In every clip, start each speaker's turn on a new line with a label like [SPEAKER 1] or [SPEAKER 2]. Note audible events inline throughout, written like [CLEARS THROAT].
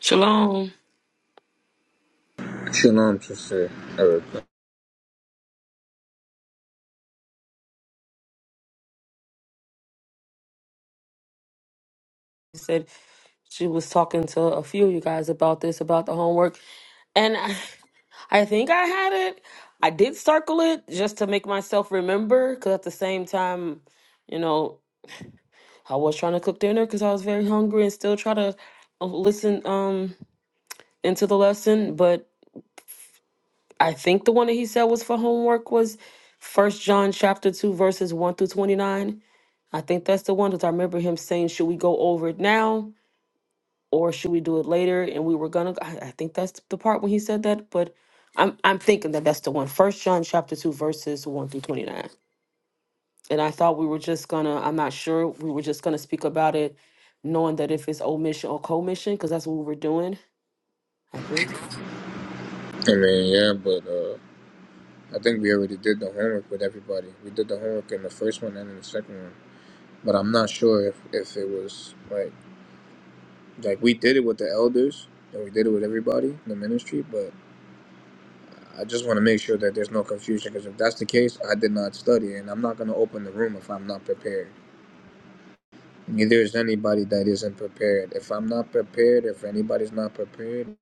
[SPEAKER 1] Shalom. She
[SPEAKER 2] i Shalom, sister Erica.
[SPEAKER 1] said she was talking to a few of you guys about this, about the homework. And I, I think I had it. I did circle it just to make myself remember because at the same time, you know, I was trying to cook dinner because I was very hungry and still try to uh, listen um into the lesson. But I think the one that he said was for homework was First John chapter two verses one through twenty nine. I think that's the one that I remember him saying. Should we go over it now? or should we do it later? And we were gonna. I, I think that's the part when he said that, but I'm I'm thinking that that's the one. First John chapter two verses one through twenty nine. And I thought we were just gonna. I'm not sure. We were just gonna speak about it, knowing that if it's omission or commission, because that's what we were doing. I think.
[SPEAKER 2] I mean, yeah, but uh, I think we already did the homework with everybody. We did the homework in the first one and in the second one, but I'm not sure if, if it was like like we did it with the elders and we did it with everybody in the ministry. But I just want to make sure that there's no confusion because if that's the case, I did not study, and I'm not going to open the room if I'm not prepared. Neither is anybody that isn't prepared. If I'm not prepared, if anybody's not prepared,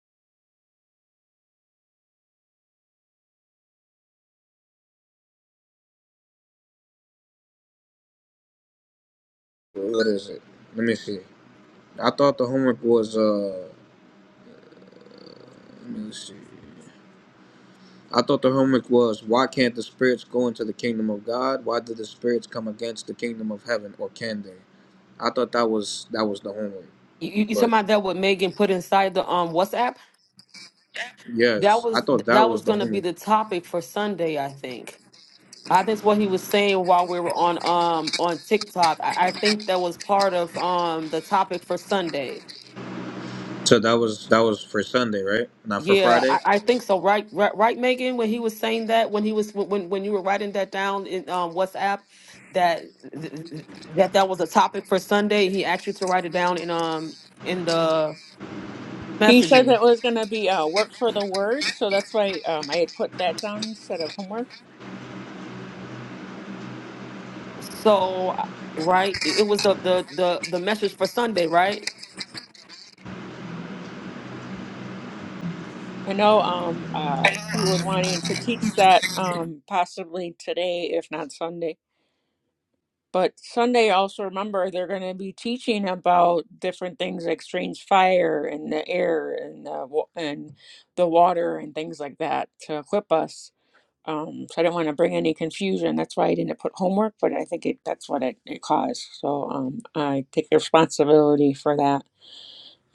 [SPEAKER 2] what is it? Let me see. I thought the homework was uh. Let me see. I thought the homework was why can't the spirits go into the kingdom of God? Why did the spirits come against the kingdom of heaven, or can they? I thought that was that was the homework,
[SPEAKER 1] You, you you talking
[SPEAKER 2] but
[SPEAKER 1] about that? What Megan put inside the um WhatsApp? That
[SPEAKER 2] yes, I
[SPEAKER 1] was
[SPEAKER 2] thought that
[SPEAKER 1] that
[SPEAKER 2] was
[SPEAKER 1] was
[SPEAKER 2] the
[SPEAKER 1] gonna be
[SPEAKER 2] homework.
[SPEAKER 1] the topic for Sunday, I think. I think what he was saying while we were on um on TikTok. I, I think that was part of um the topic for Sunday.
[SPEAKER 2] So that was that was for Sunday, right? Not for
[SPEAKER 1] Yeah,
[SPEAKER 2] Friday.
[SPEAKER 1] I, I think so. Right, right, right, Megan. When he was saying that, when he was when when you were writing that down in um WhatsApp, that that that was a topic for Sunday. He asked you to write it down in um in the
[SPEAKER 3] He said
[SPEAKER 1] messaging.
[SPEAKER 3] that was going to be uh, work for the word, so that's why um, I had put that down instead of homework.
[SPEAKER 1] So right, it it was the the the the message for Sunday, right?
[SPEAKER 3] I know um, uh, he was wanting to teach that um, possibly today, if not Sunday. But Sunday, also remember, they're going to be teaching about different things like strange fire and the air and the, wa- and the water and things like that to equip us. Um, so I didn't want to bring any confusion. That's why I didn't put homework, but I think it, that's what it, it caused. So um, I take responsibility for that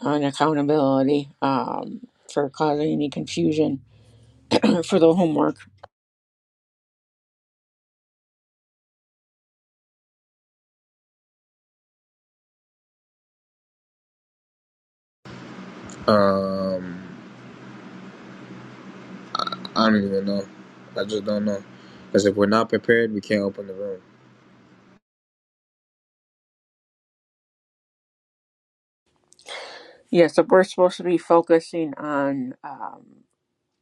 [SPEAKER 3] and accountability um, for causing any confusion [CLEARS THROAT] for the homework.
[SPEAKER 2] Um, I don't even know. I just don't know. Because if we're not prepared, we can't open the room.
[SPEAKER 3] Yeah, so we're supposed to be focusing on. um,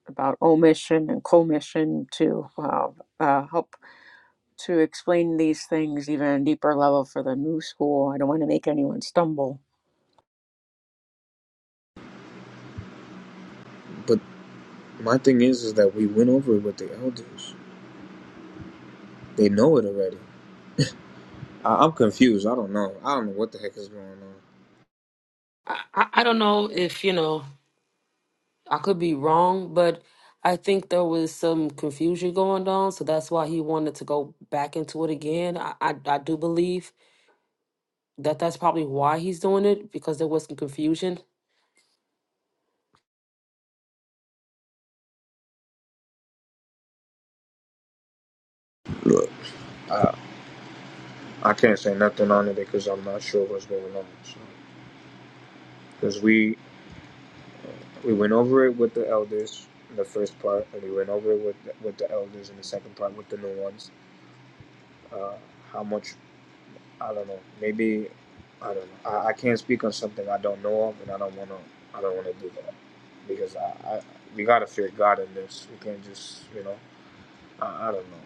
[SPEAKER 3] about omission and commission to uh, uh, help to explain these things even on a deeper level for the new school. I don't want to make anyone stumble.
[SPEAKER 2] But my thing is, is that we went over it with the elders. They know it already. I- I'm confused. I don't know. I don't know what the heck is going on.
[SPEAKER 1] I, I I don't know if you know. I could be wrong, but I think there was some confusion going on, so that's why he wanted to go back into it again. I I, I do believe that that's probably why he's doing it because there was some confusion.
[SPEAKER 2] I can't say nothing on it because I'm not sure what's going on. Because so, we we went over it with the elders in the first part, and we went over it with the, with the elders in the second part with the new ones. Uh, how much I don't know. Maybe I don't know. I, I can't speak on something I don't know of, and I don't want to. I don't want to do that because I, I we gotta fear God in this. We can't just you know. I, I don't know.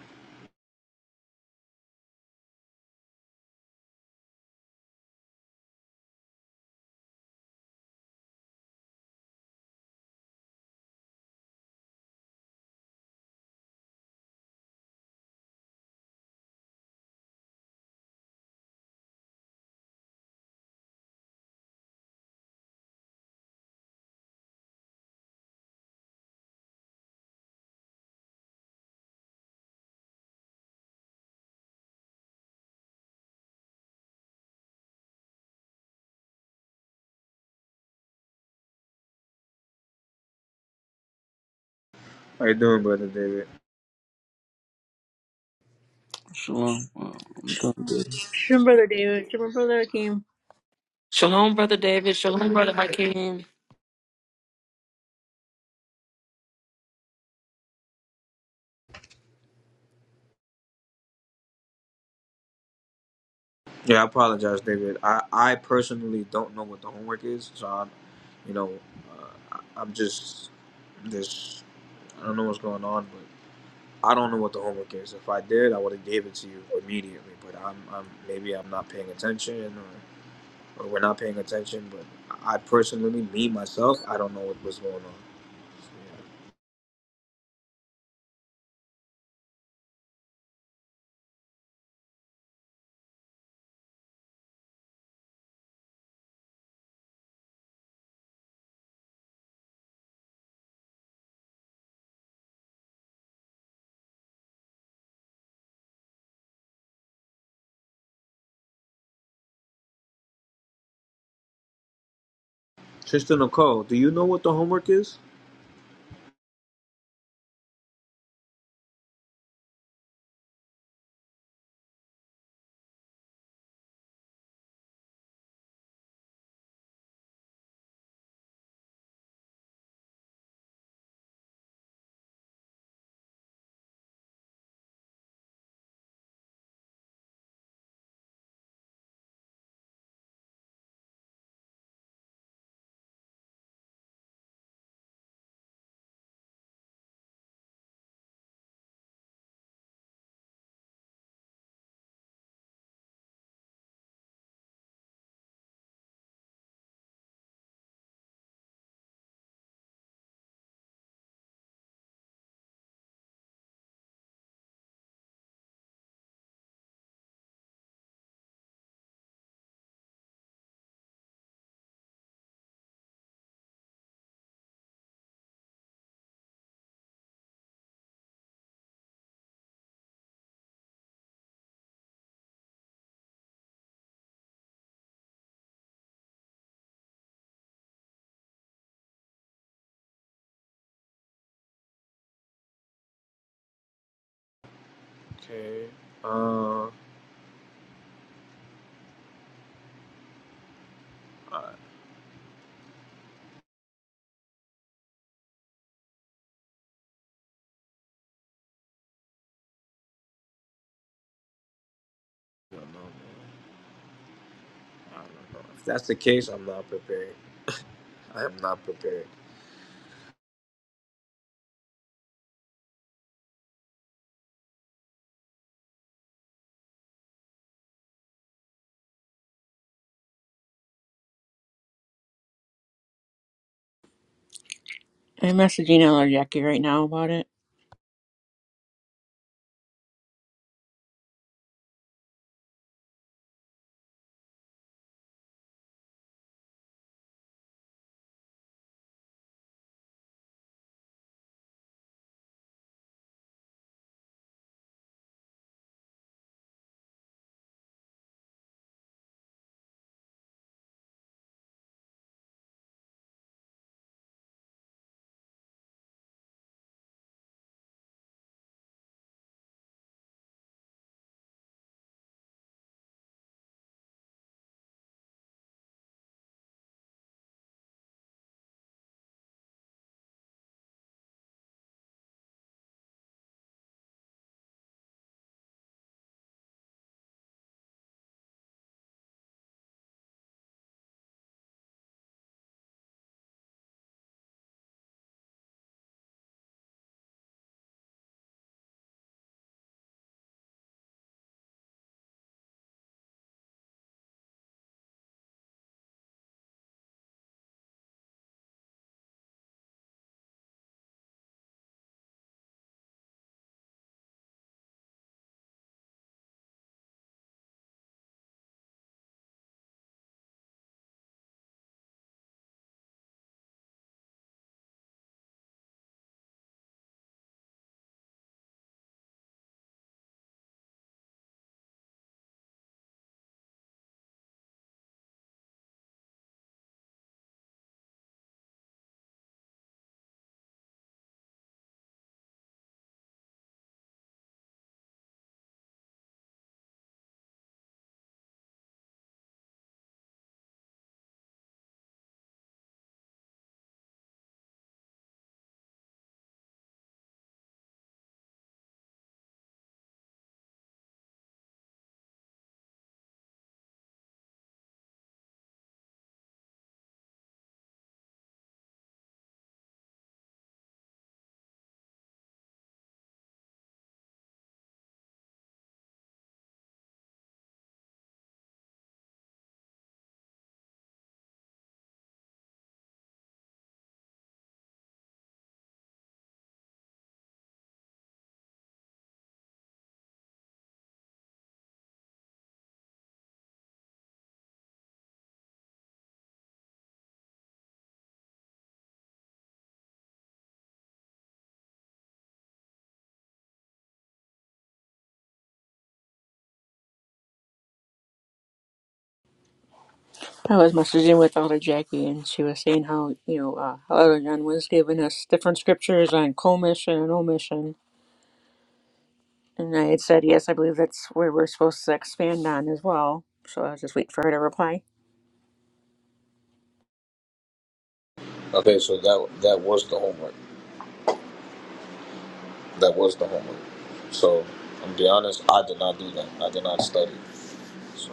[SPEAKER 2] How you doing, brother David?
[SPEAKER 4] Shalom. Wow, I'm doing good.
[SPEAKER 3] Sure, Brother David. Sure, Brother Akeem.
[SPEAKER 1] Shalom, brother David. Shalom, brother Hakeem.
[SPEAKER 2] Yeah, I apologize, David. I, I personally don't know what the homework is, so I'm, you know, uh, I- I'm just this. I don't know what's going on, but I don't know what the homework is. If I did, I would have gave it to you immediately. But I'm, I'm maybe I'm not paying attention, or, or we're not paying attention. But I personally, me myself, I don't know what was going on. So, yeah. Tristan Nicole, do you know what the homework is? Okay. Uh, I don't know. Man. I don't know. If that's the case, I'm not prepared. I am not prepared.
[SPEAKER 3] I'm messaging Elder Jackie right now about it. I was messaging with Elder Jackie, and she was saying how, you know, uh, how Elder John was giving us different scriptures on commission and omission. And I had said, yes, I believe that's where we're supposed to expand on as well. So I was just waiting for her to reply
[SPEAKER 2] Okay, so that that was the homework. That was the homework. So I'm gonna be honest, I did not do that. I did not study. So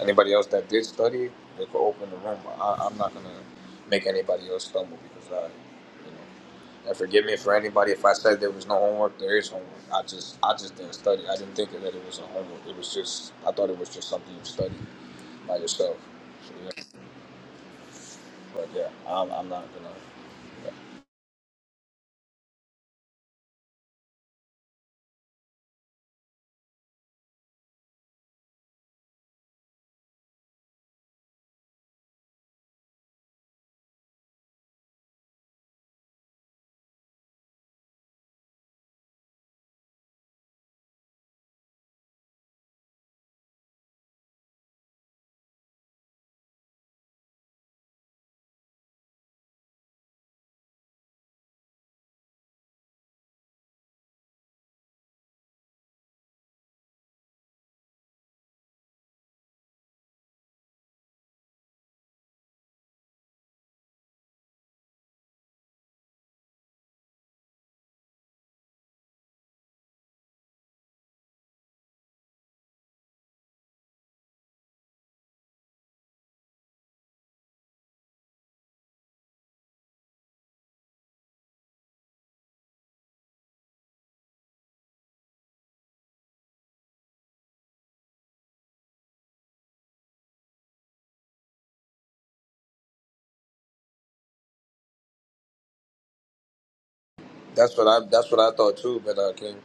[SPEAKER 2] anybody else that did study, they could open the room. But I, I'm not gonna make anybody else stumble because I, you know, and forgive me for anybody if I said there was no homework. There is homework. I just I just didn't study. I didn't think that it was a homework. It was just I thought it was just something you studied by yourself. So, yeah. But yeah, I'm, I'm not gonna. yeah. That's what I that's what I thought too. But uh, King.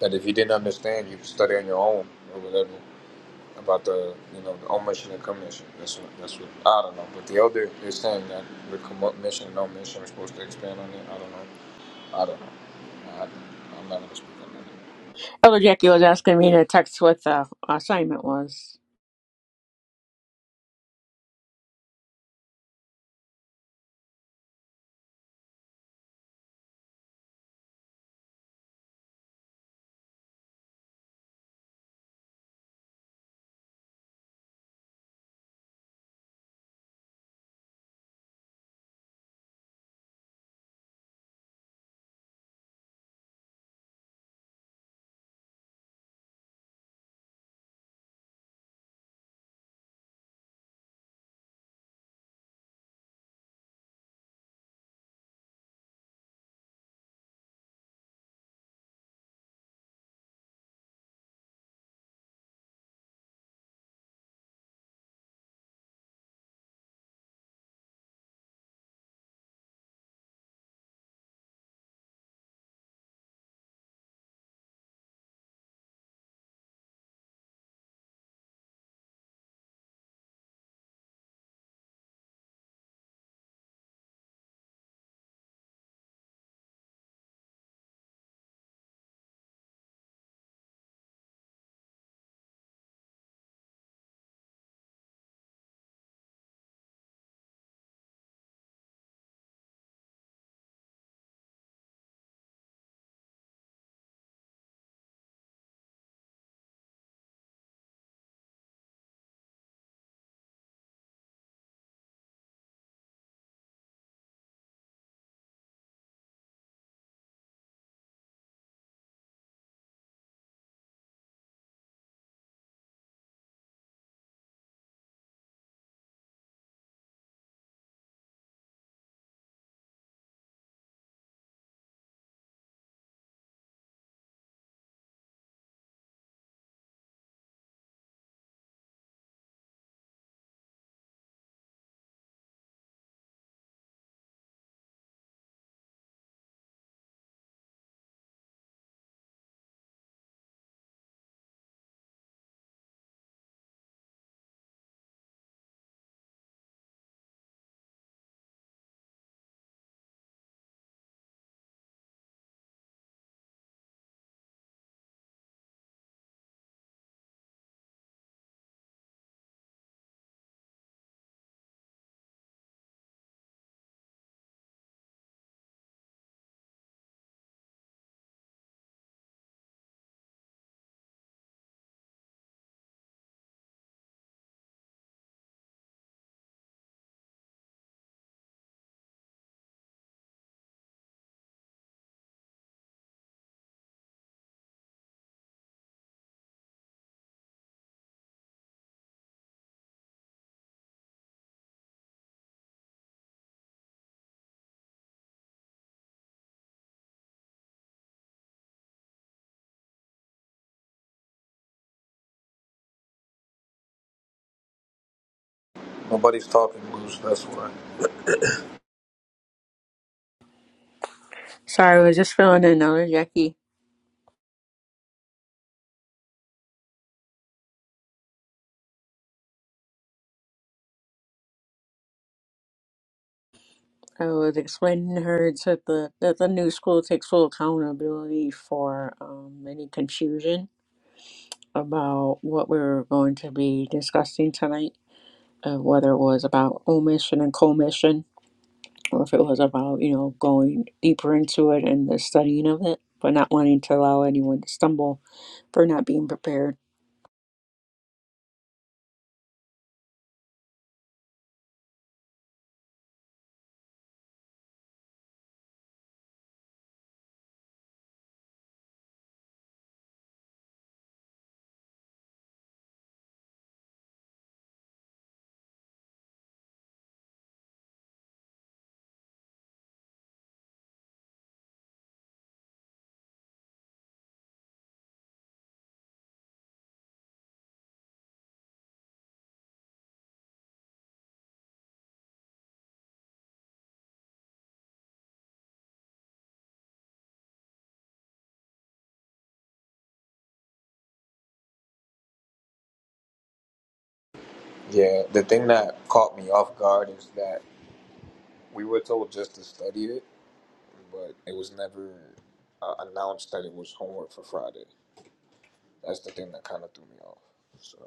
[SPEAKER 2] that if you didn't understand, you could study on your own or whatever about the you know the omission and commission. That's what that's what I don't know. But the elder is saying that the commission and omission are supposed to expand on it. I don't know. I don't know. I, I'm not gonna speak on that.
[SPEAKER 3] Elder Jackie was asking me to text what the assignment was.
[SPEAKER 2] Nobody's talking, Bruce. That's why.
[SPEAKER 3] Sorry, I was just filling in, Elder Jackie. I was explaining to her that the, that the new school takes full accountability for um, any confusion about what we were going to be discussing tonight, uh, whether it was about omission and commission, or if it was about, you know, going deeper into it and the studying of it, but not wanting to allow anyone to stumble for not being prepared.
[SPEAKER 2] Yeah, the thing that caught me off guard is that we were told just to study it, but it was never uh, announced that it was homework for Friday. That's the thing that kind of threw me off. So.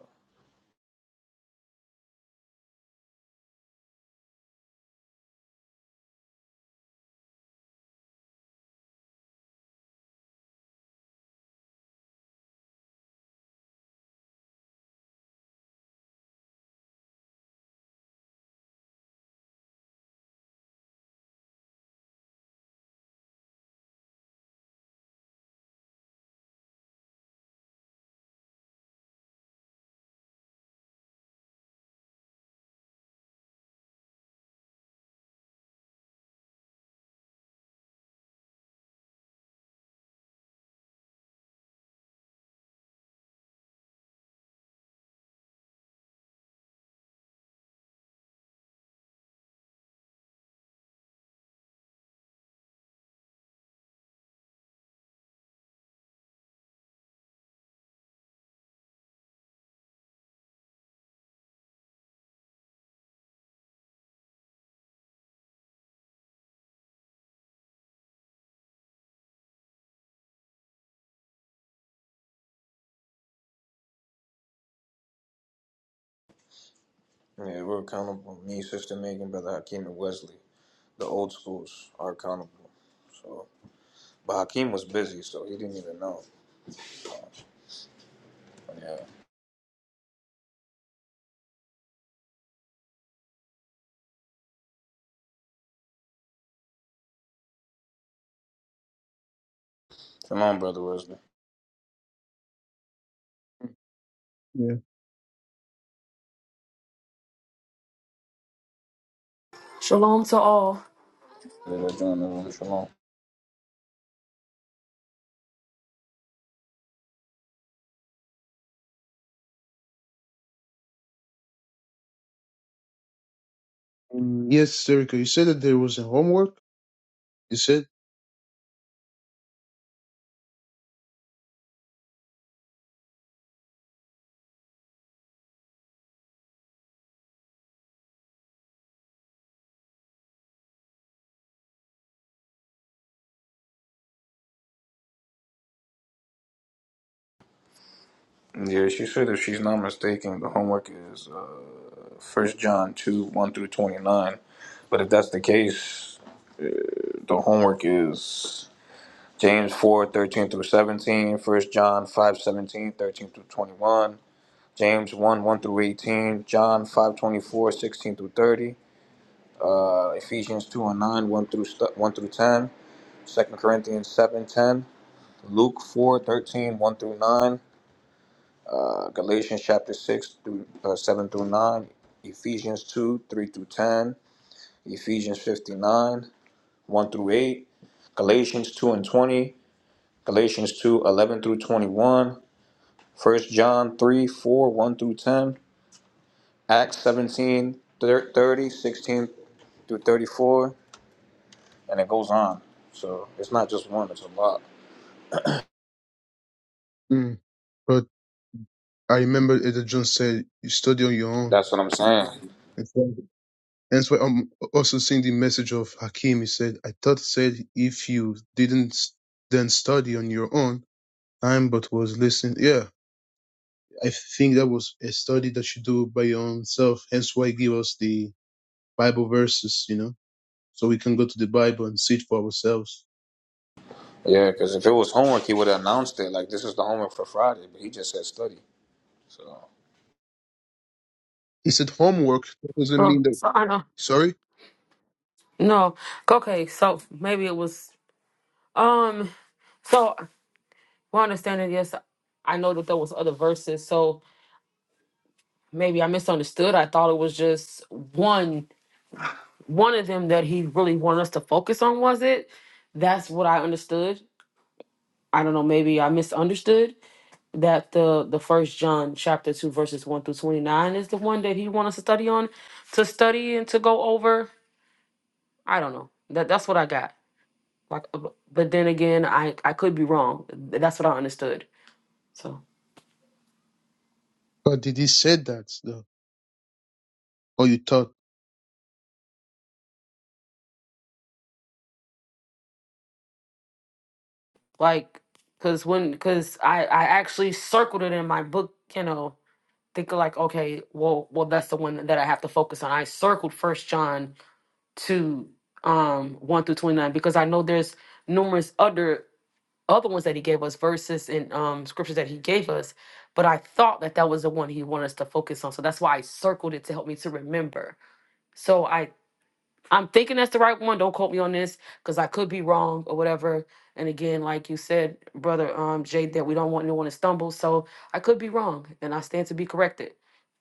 [SPEAKER 2] Yeah, we're accountable. Me, Sister Megan, Brother Hakeem, and Wesley. The old schools are accountable. So, but Hakeem was busy, so he didn't even know. Yeah. Shalom, Brother Wesley.
[SPEAKER 5] Yeah.
[SPEAKER 1] Shalom to all.
[SPEAKER 2] Did I join the room? Shalom.
[SPEAKER 5] Mm, yes, Erica, you said that there was a homework. You said,
[SPEAKER 2] Yeah, she said if she's not mistaken, the homework is uh, First John two one through twenty nine. But if that's the case, the homework is James four thirteen through 17, First John five seventeen thirteen through 21, James 1 1 through 18, John 5 24 16 through 30, uh, Ephesians 2 and 9, 1 through, 1 through 10, Second Corinthians 7 10, Luke four thirteen one through 9, uh, Galatians chapter 6 through uh, 7 through 9, Ephesians 2 3 through 10, Ephesians 59 1 through 8, Galatians 2 and 20, Galatians 2 11 through 21, First John three four one through 10. Acts 17 30 16 through 34, and it goes on. So it's not just one, it's a lot.
[SPEAKER 5] mm, but I remember Elder John said you study on your own.
[SPEAKER 2] That's what I'm saying.
[SPEAKER 5] That's why that's why I'm also seeing the message of Hakim. He said, "I thought said if you didn't s- then study on your own time, but was listening." Yeah, I think that was a study that you do by your own self. Hence why he give us the Bible verses, you know, so we can go to the Bible and see it for ourselves.
[SPEAKER 2] Yeah, because if it was homework, he would have announced it. Like, this is the homework for Friday, but he just said study. So
[SPEAKER 5] He said homework doesn't
[SPEAKER 1] Oh,
[SPEAKER 5] mean that.
[SPEAKER 1] so I know.
[SPEAKER 5] Sorry.
[SPEAKER 1] No, okay. So maybe it was. Um. So my understanding, yes, I know that there was other verses. So maybe I misunderstood. I thought it was just one one of them that he really wanted us to focus on was it that's what i understood i don't know maybe i misunderstood that the the first john chapter 2 verses 1 through 29 is the one that he wants us to study on to study and to go over i don't know that that's what i got like uh, bu- but then again i i could be wrong Th- that's what i understood so
[SPEAKER 5] But did he say that though? Or you thought,
[SPEAKER 1] like because when because i i actually circled it in my book you know think like okay well well that's the one that i have to focus on i circled first john to um one through twenty nine because I know there's numerous other other ones that he gave us verses and um scriptures that he gave us, but I thought that that was the one he wanted us to focus on, so that's why I circled it to help me to remember. So I I'm thinking that's the right one. Don't quote me on this because I could be wrong or whatever. And again, like you said, brother um Jay, that we don't want anyone to stumble, so I could be wrong and I stand to be corrected.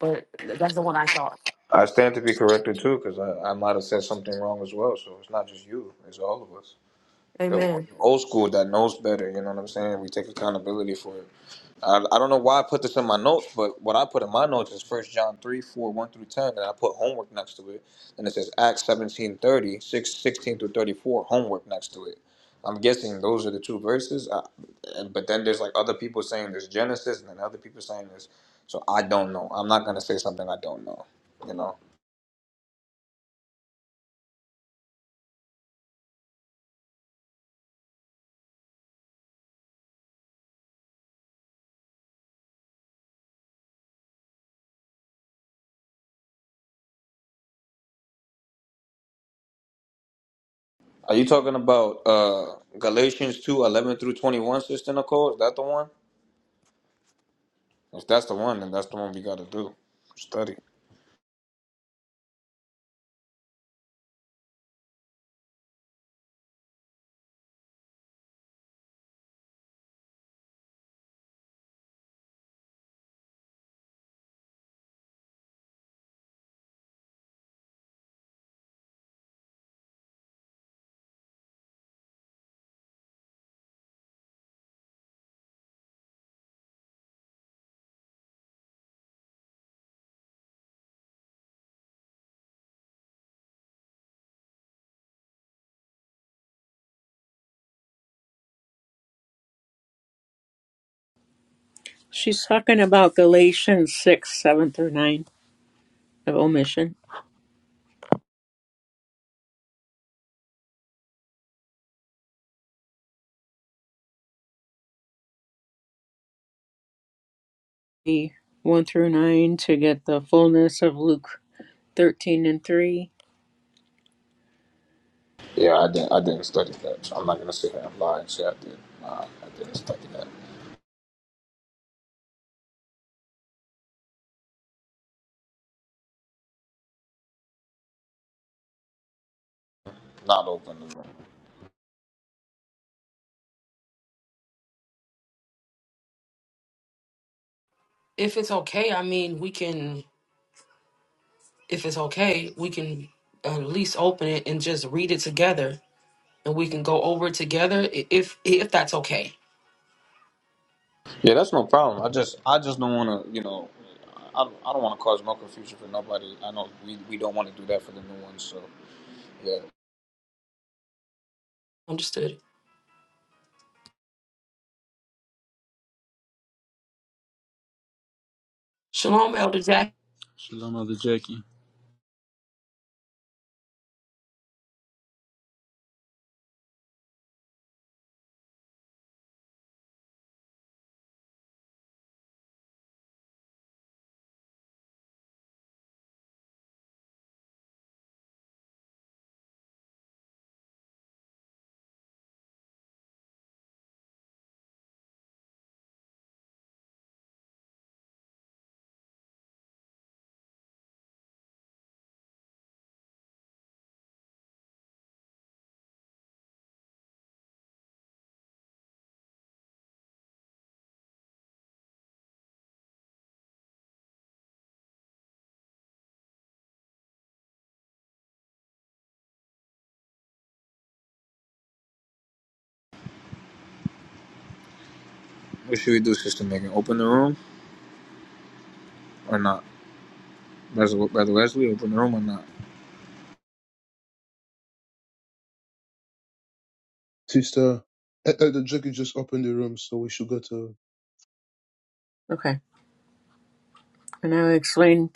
[SPEAKER 1] But th- that's the one I thought.
[SPEAKER 2] I stand to be corrected too, because I, I might have said something wrong as well. So it's not just you, it's all of us. the
[SPEAKER 1] Amen.
[SPEAKER 2] old school that knows better. You know what I'm saying? We take accountability for it. I, I don't know why I put this in my notes, but what I put in my notes is First John three four one through 10, and I put homework next to it. And it says Acts 17 30 6 16 through 34, homework next to it. I'm guessing those are the two verses. I, and- but then there's like other people saying there's Genesis, and then other people saying this. So I don't know. I'm not going to say something I don't know. You know? Are you talking about uh, Galatians 2 11 through 21, Sister Nicole? Is that the one? If that's the one, then that's the one we gotta do. Study.
[SPEAKER 3] She's talking about Galatians 6, 7 through 9 of omission. The 1 through 9 to get the fullness of Luke 13 and 3.
[SPEAKER 2] Yeah, I didn't. I didn't study that. So I'm not gonna sit here and lie and say I did. Nah, I didn't study that. Not open the room.
[SPEAKER 1] If it's okay, I mean we can if it's okay, we can at least open it and just read it together, and we can go over it together i- if if that's okay.
[SPEAKER 2] Yeah, that's no problem. I just, I just don't wanna, you know, I, I don't wanna cause no confusion for nobody. I know we, we don't wanna do that for the new ones. So yeah,
[SPEAKER 1] Understood. Shalom, Elder Jack.
[SPEAKER 4] Shalom, mother Jackie.
[SPEAKER 2] what should we do, Sister Megan? Open the room or not? Brother, Brother Wesley, open the room or not?
[SPEAKER 5] sister? I, I, the joke you just opened the room, so we should go to
[SPEAKER 3] Okay. And I'll explain